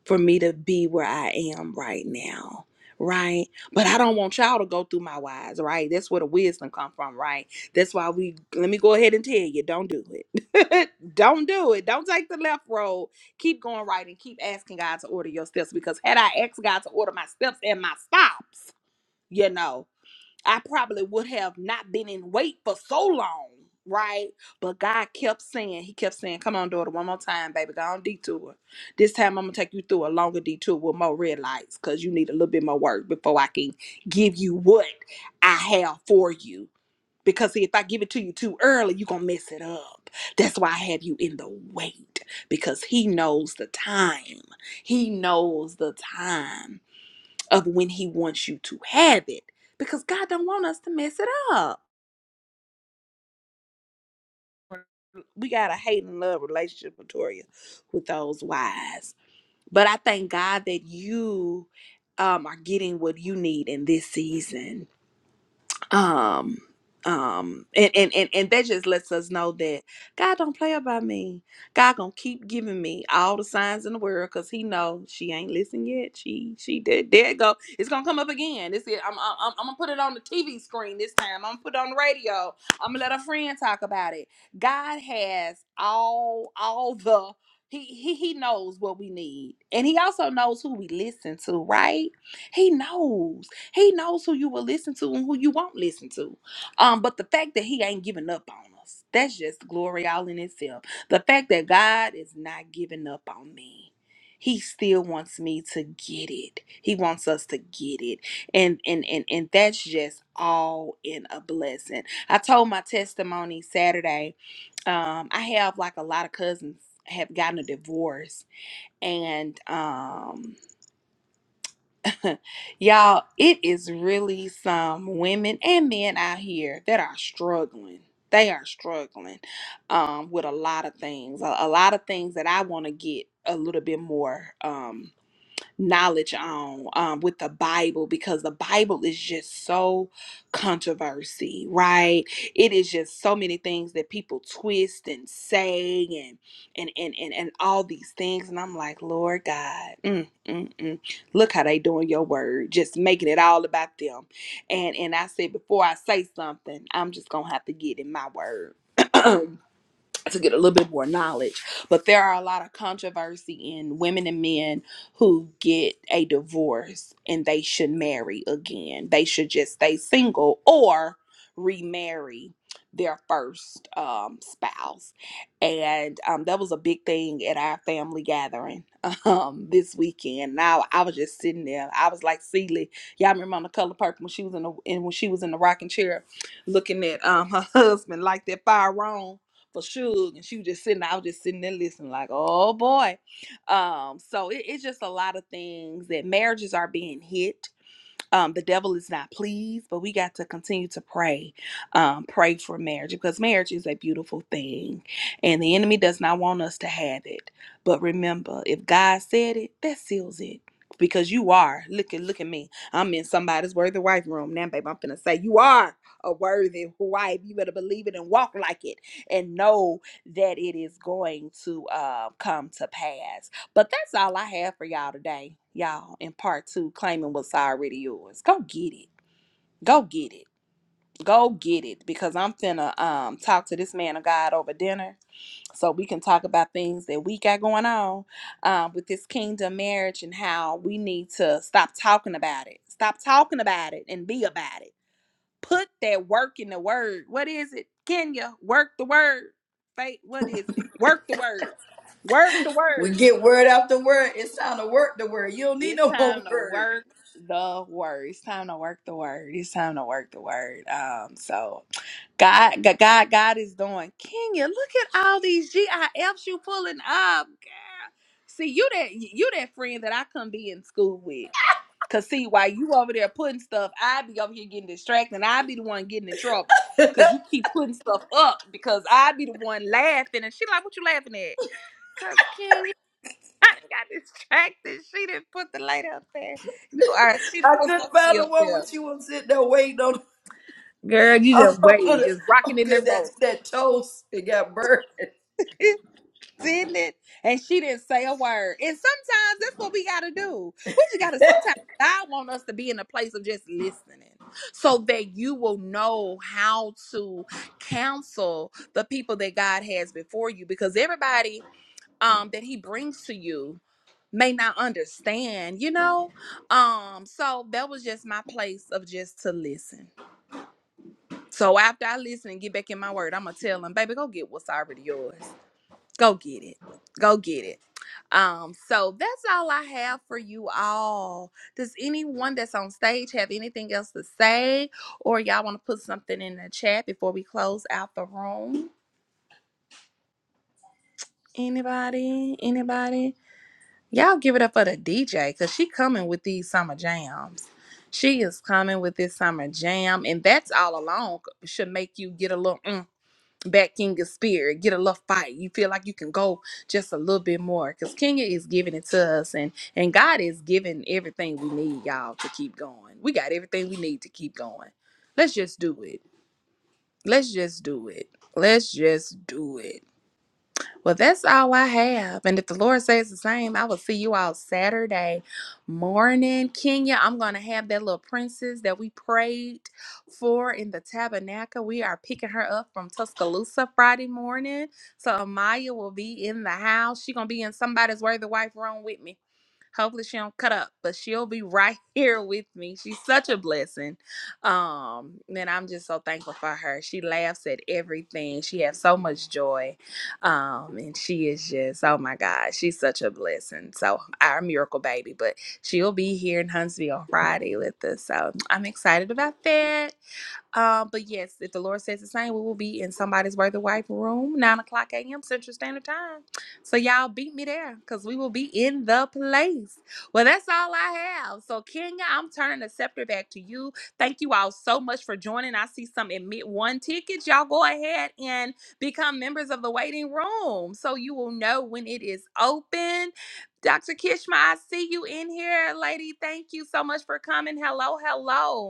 [SPEAKER 2] for me to be where I am right now. Right. But I don't want y'all to go through my wise, right? That's where the wisdom come from, right? That's why we let me go ahead and tell you, don't do it. don't do it. Don't take the left road. Keep going right and keep asking God to order your steps. Because had I asked God to order my steps and my stops, you know. I probably would have not been in wait for so long, right? But God kept saying, He kept saying, Come on, daughter, one more time, baby, go on detour. This time I'm gonna take you through a longer detour with more red lights because you need a little bit more work before I can give you what I have for you. Because see, if I give it to you too early, you're gonna mess it up. That's why I have you in the wait because He knows the time. He knows the time of when he wants you to have it because God don't want us to mess it up. We got a hate and love relationship, Victoria, with those wives. But I thank God that you um, are getting what you need in this season um um and, and and and that just lets us know that god don't play about me god gonna keep giving me all the signs in the world because he know she ain't listened yet she she did there it go it's gonna come up again this is I'm, I'm i'm I'm gonna put it on the tv screen this time i'm gonna put it on the radio i'm gonna let a friend talk about it god has all all the he, he he knows what we need and he also knows who we listen to right he knows he knows who you will listen to and who you won't listen to. Um, but the fact that he ain't giving up on us, that's just glory all in itself. The fact that God is not giving up on me. He still wants me to get it. He wants us to get it. And and and and that's just all in a blessing. I told my testimony Saturday. Um, I have like a lot of cousins have gotten a divorce and um Y'all, it is really some women and men out here that are struggling. They are struggling um, with a lot of things, a, a lot of things that I want to get a little bit more. um, knowledge on um, with the Bible because the Bible is just so controversy, right? It is just so many things that people twist and say and and and and, and all these things, and I'm like, Lord God, mm, mm, mm. look how they doing your word, just making it all about them. And and I said before I say something, I'm just gonna have to get in my word. to get a little bit more knowledge. But there are a lot of controversy in women and men who get a divorce and they should marry again. They should just stay single or remarry their first um, spouse. And um, that was a big thing at our family gathering um, this weekend. Now I, I was just sitting there. I was like Celie. Y'all remember on the color purple when she was in the and when she was in the rocking chair looking at um, her husband like that fire wrong for Suge, and she was just sitting. I was just sitting there listening, like, oh boy. Um, so it, it's just a lot of things that marriages are being hit um, the devil is not pleased, but we got to continue to pray. Um, pray for marriage because marriage is a beautiful thing and the enemy does not want us to have it. But remember, if God said it, that seals it. Because you are. Look at look at me. I'm in somebody's worthy wife room. Now, babe, I'm gonna say you are a worthy wife. You better believe it and walk like it and know that it is going to uh, come to pass. But that's all I have for y'all today, y'all, in part two, claiming what's already yours. Go get it. Go get it. Go get it. Because I'm finna um talk to this man of God over dinner so we can talk about things that we got going on um, with this kingdom marriage and how we need to stop talking about it. Stop talking about it and be about it. Put that work in the word. What is it? Kenya, work the word. Faith, what is it? Work the word. Work the
[SPEAKER 1] We
[SPEAKER 2] word.
[SPEAKER 1] get word after word. It's time to work the word. You don't need
[SPEAKER 2] It's
[SPEAKER 1] no more
[SPEAKER 2] time to
[SPEAKER 1] word.
[SPEAKER 2] work the word. It's time to work the word. It's time to work the word. Um, so God, God, God God is doing. Kenya, look at all these GIFs you pulling up, girl. See, you that you that friend that I couldn't be in school with. Cause see, while you over there putting stuff, I be over here getting distracted, and I be the one getting in trouble. Cause you keep putting stuff up because I be the one laughing, and she like, "What you laughing at?" Cause Kenya. I got distracted. She didn't put the light up there. You are. She done
[SPEAKER 1] I
[SPEAKER 2] put
[SPEAKER 1] couldn't find
[SPEAKER 2] something
[SPEAKER 1] the
[SPEAKER 2] up
[SPEAKER 1] one
[SPEAKER 2] there.
[SPEAKER 1] when she was sitting there waiting on
[SPEAKER 2] Girl, you just wave, just rocking in
[SPEAKER 1] because
[SPEAKER 2] that
[SPEAKER 1] that
[SPEAKER 2] roll.
[SPEAKER 1] that toast it got burned.
[SPEAKER 2] Didn't it? And she didn't say a word. And sometimes that's what we gotta do. We just gotta sometimes God want us to be in a place of just listening so that you will know how to counsel the people that God has before you. Because everybody um that He brings to you may not understand, you know? Um, so that was just my place of just to listen. So after I listen and get back in my word, I'm gonna tell them, baby, go get what's already yours. Go get it. Go get it. Um, so that's all I have for you all. Does anyone that's on stage have anything else to say? Or y'all want to put something in the chat before we close out the room? Anybody? Anybody? Y'all give it up for the DJ because she coming with these summer jams. She is coming with this summer jam, and that's all alone should make you get a little mm, back in your spirit, get a little fight. You feel like you can go just a little bit more because Kenya is giving it to us, and and God is giving everything we need, y'all, to keep going. We got everything we need to keep going. Let's just do it. Let's just do it. Let's just do it. Well, that's all I have. And if the Lord says the same, I will see you all Saturday morning. Kenya, I'm going to have that little princess that we prayed for in the tabernacle. We are picking her up from Tuscaloosa Friday morning. So Amaya will be in the house. She's going to be in somebody's worthy wife room with me. Hopefully she don't cut up, but she'll be right here with me. She's such a blessing. Um, and I'm just so thankful for her. She laughs at everything. She has so much joy. Um, and she is just, oh my God, she's such a blessing. So our miracle baby, but she'll be here in Huntsville Friday with us. So I'm excited about that. Um, but yes, if the Lord says the same, we will be in somebody's worthy wife room, nine o'clock a.m. Central Standard Time. So y'all beat me there because we will be in the place. Well, that's all I have. So Kenya, I'm turning the scepter back to you. Thank you all so much for joining. I see some admit one tickets. Y'all go ahead and become members of the waiting room so you will know when it is open. Dr. Kishma, I see you in here, lady. Thank you so much for coming. Hello, hello.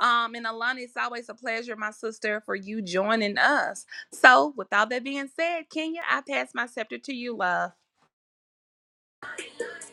[SPEAKER 2] Um, and Alana, it's always a pleasure, my sister, for you joining us. So, with all that being said, Kenya, I pass my scepter to you, love.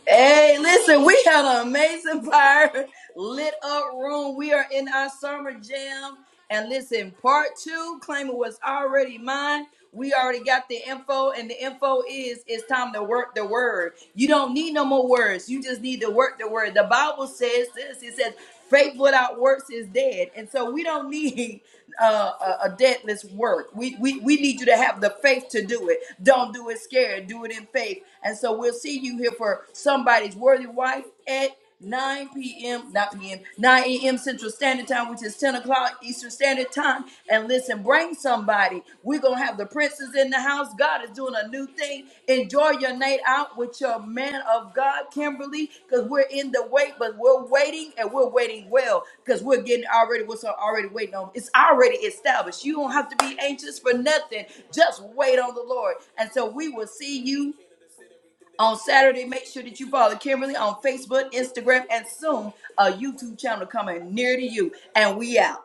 [SPEAKER 1] Hey, listen, we had an amazing fire lit up room. We are in our summer jam. And listen, part two, claiming was already mine. We already got the info, and the info is it's time to work the word. You don't need no more words. You just need to work the word. The Bible says this. It says, Faith without works is dead. And so we don't need uh, a, a deadless work. We, we we need you to have the faith to do it. Don't do it scared. Do it in faith. And so we'll see you here for somebody's worthy wife at 9 p.m. not p.m. 9 a.m. Central Standard Time, which is 10 o'clock Eastern Standard Time. And listen, bring somebody. We're gonna have the princes in the house. God is doing a new thing. Enjoy your night out with your man of God, Kimberly, because we're in the wait, but we're waiting and we're waiting well because we're getting already what's already waiting on. It's already established. You don't have to be anxious for nothing. Just wait on the Lord. And so we will see you. On Saturday, make sure that you follow Kimberly on Facebook, Instagram, and soon a YouTube channel coming near to you. And we out.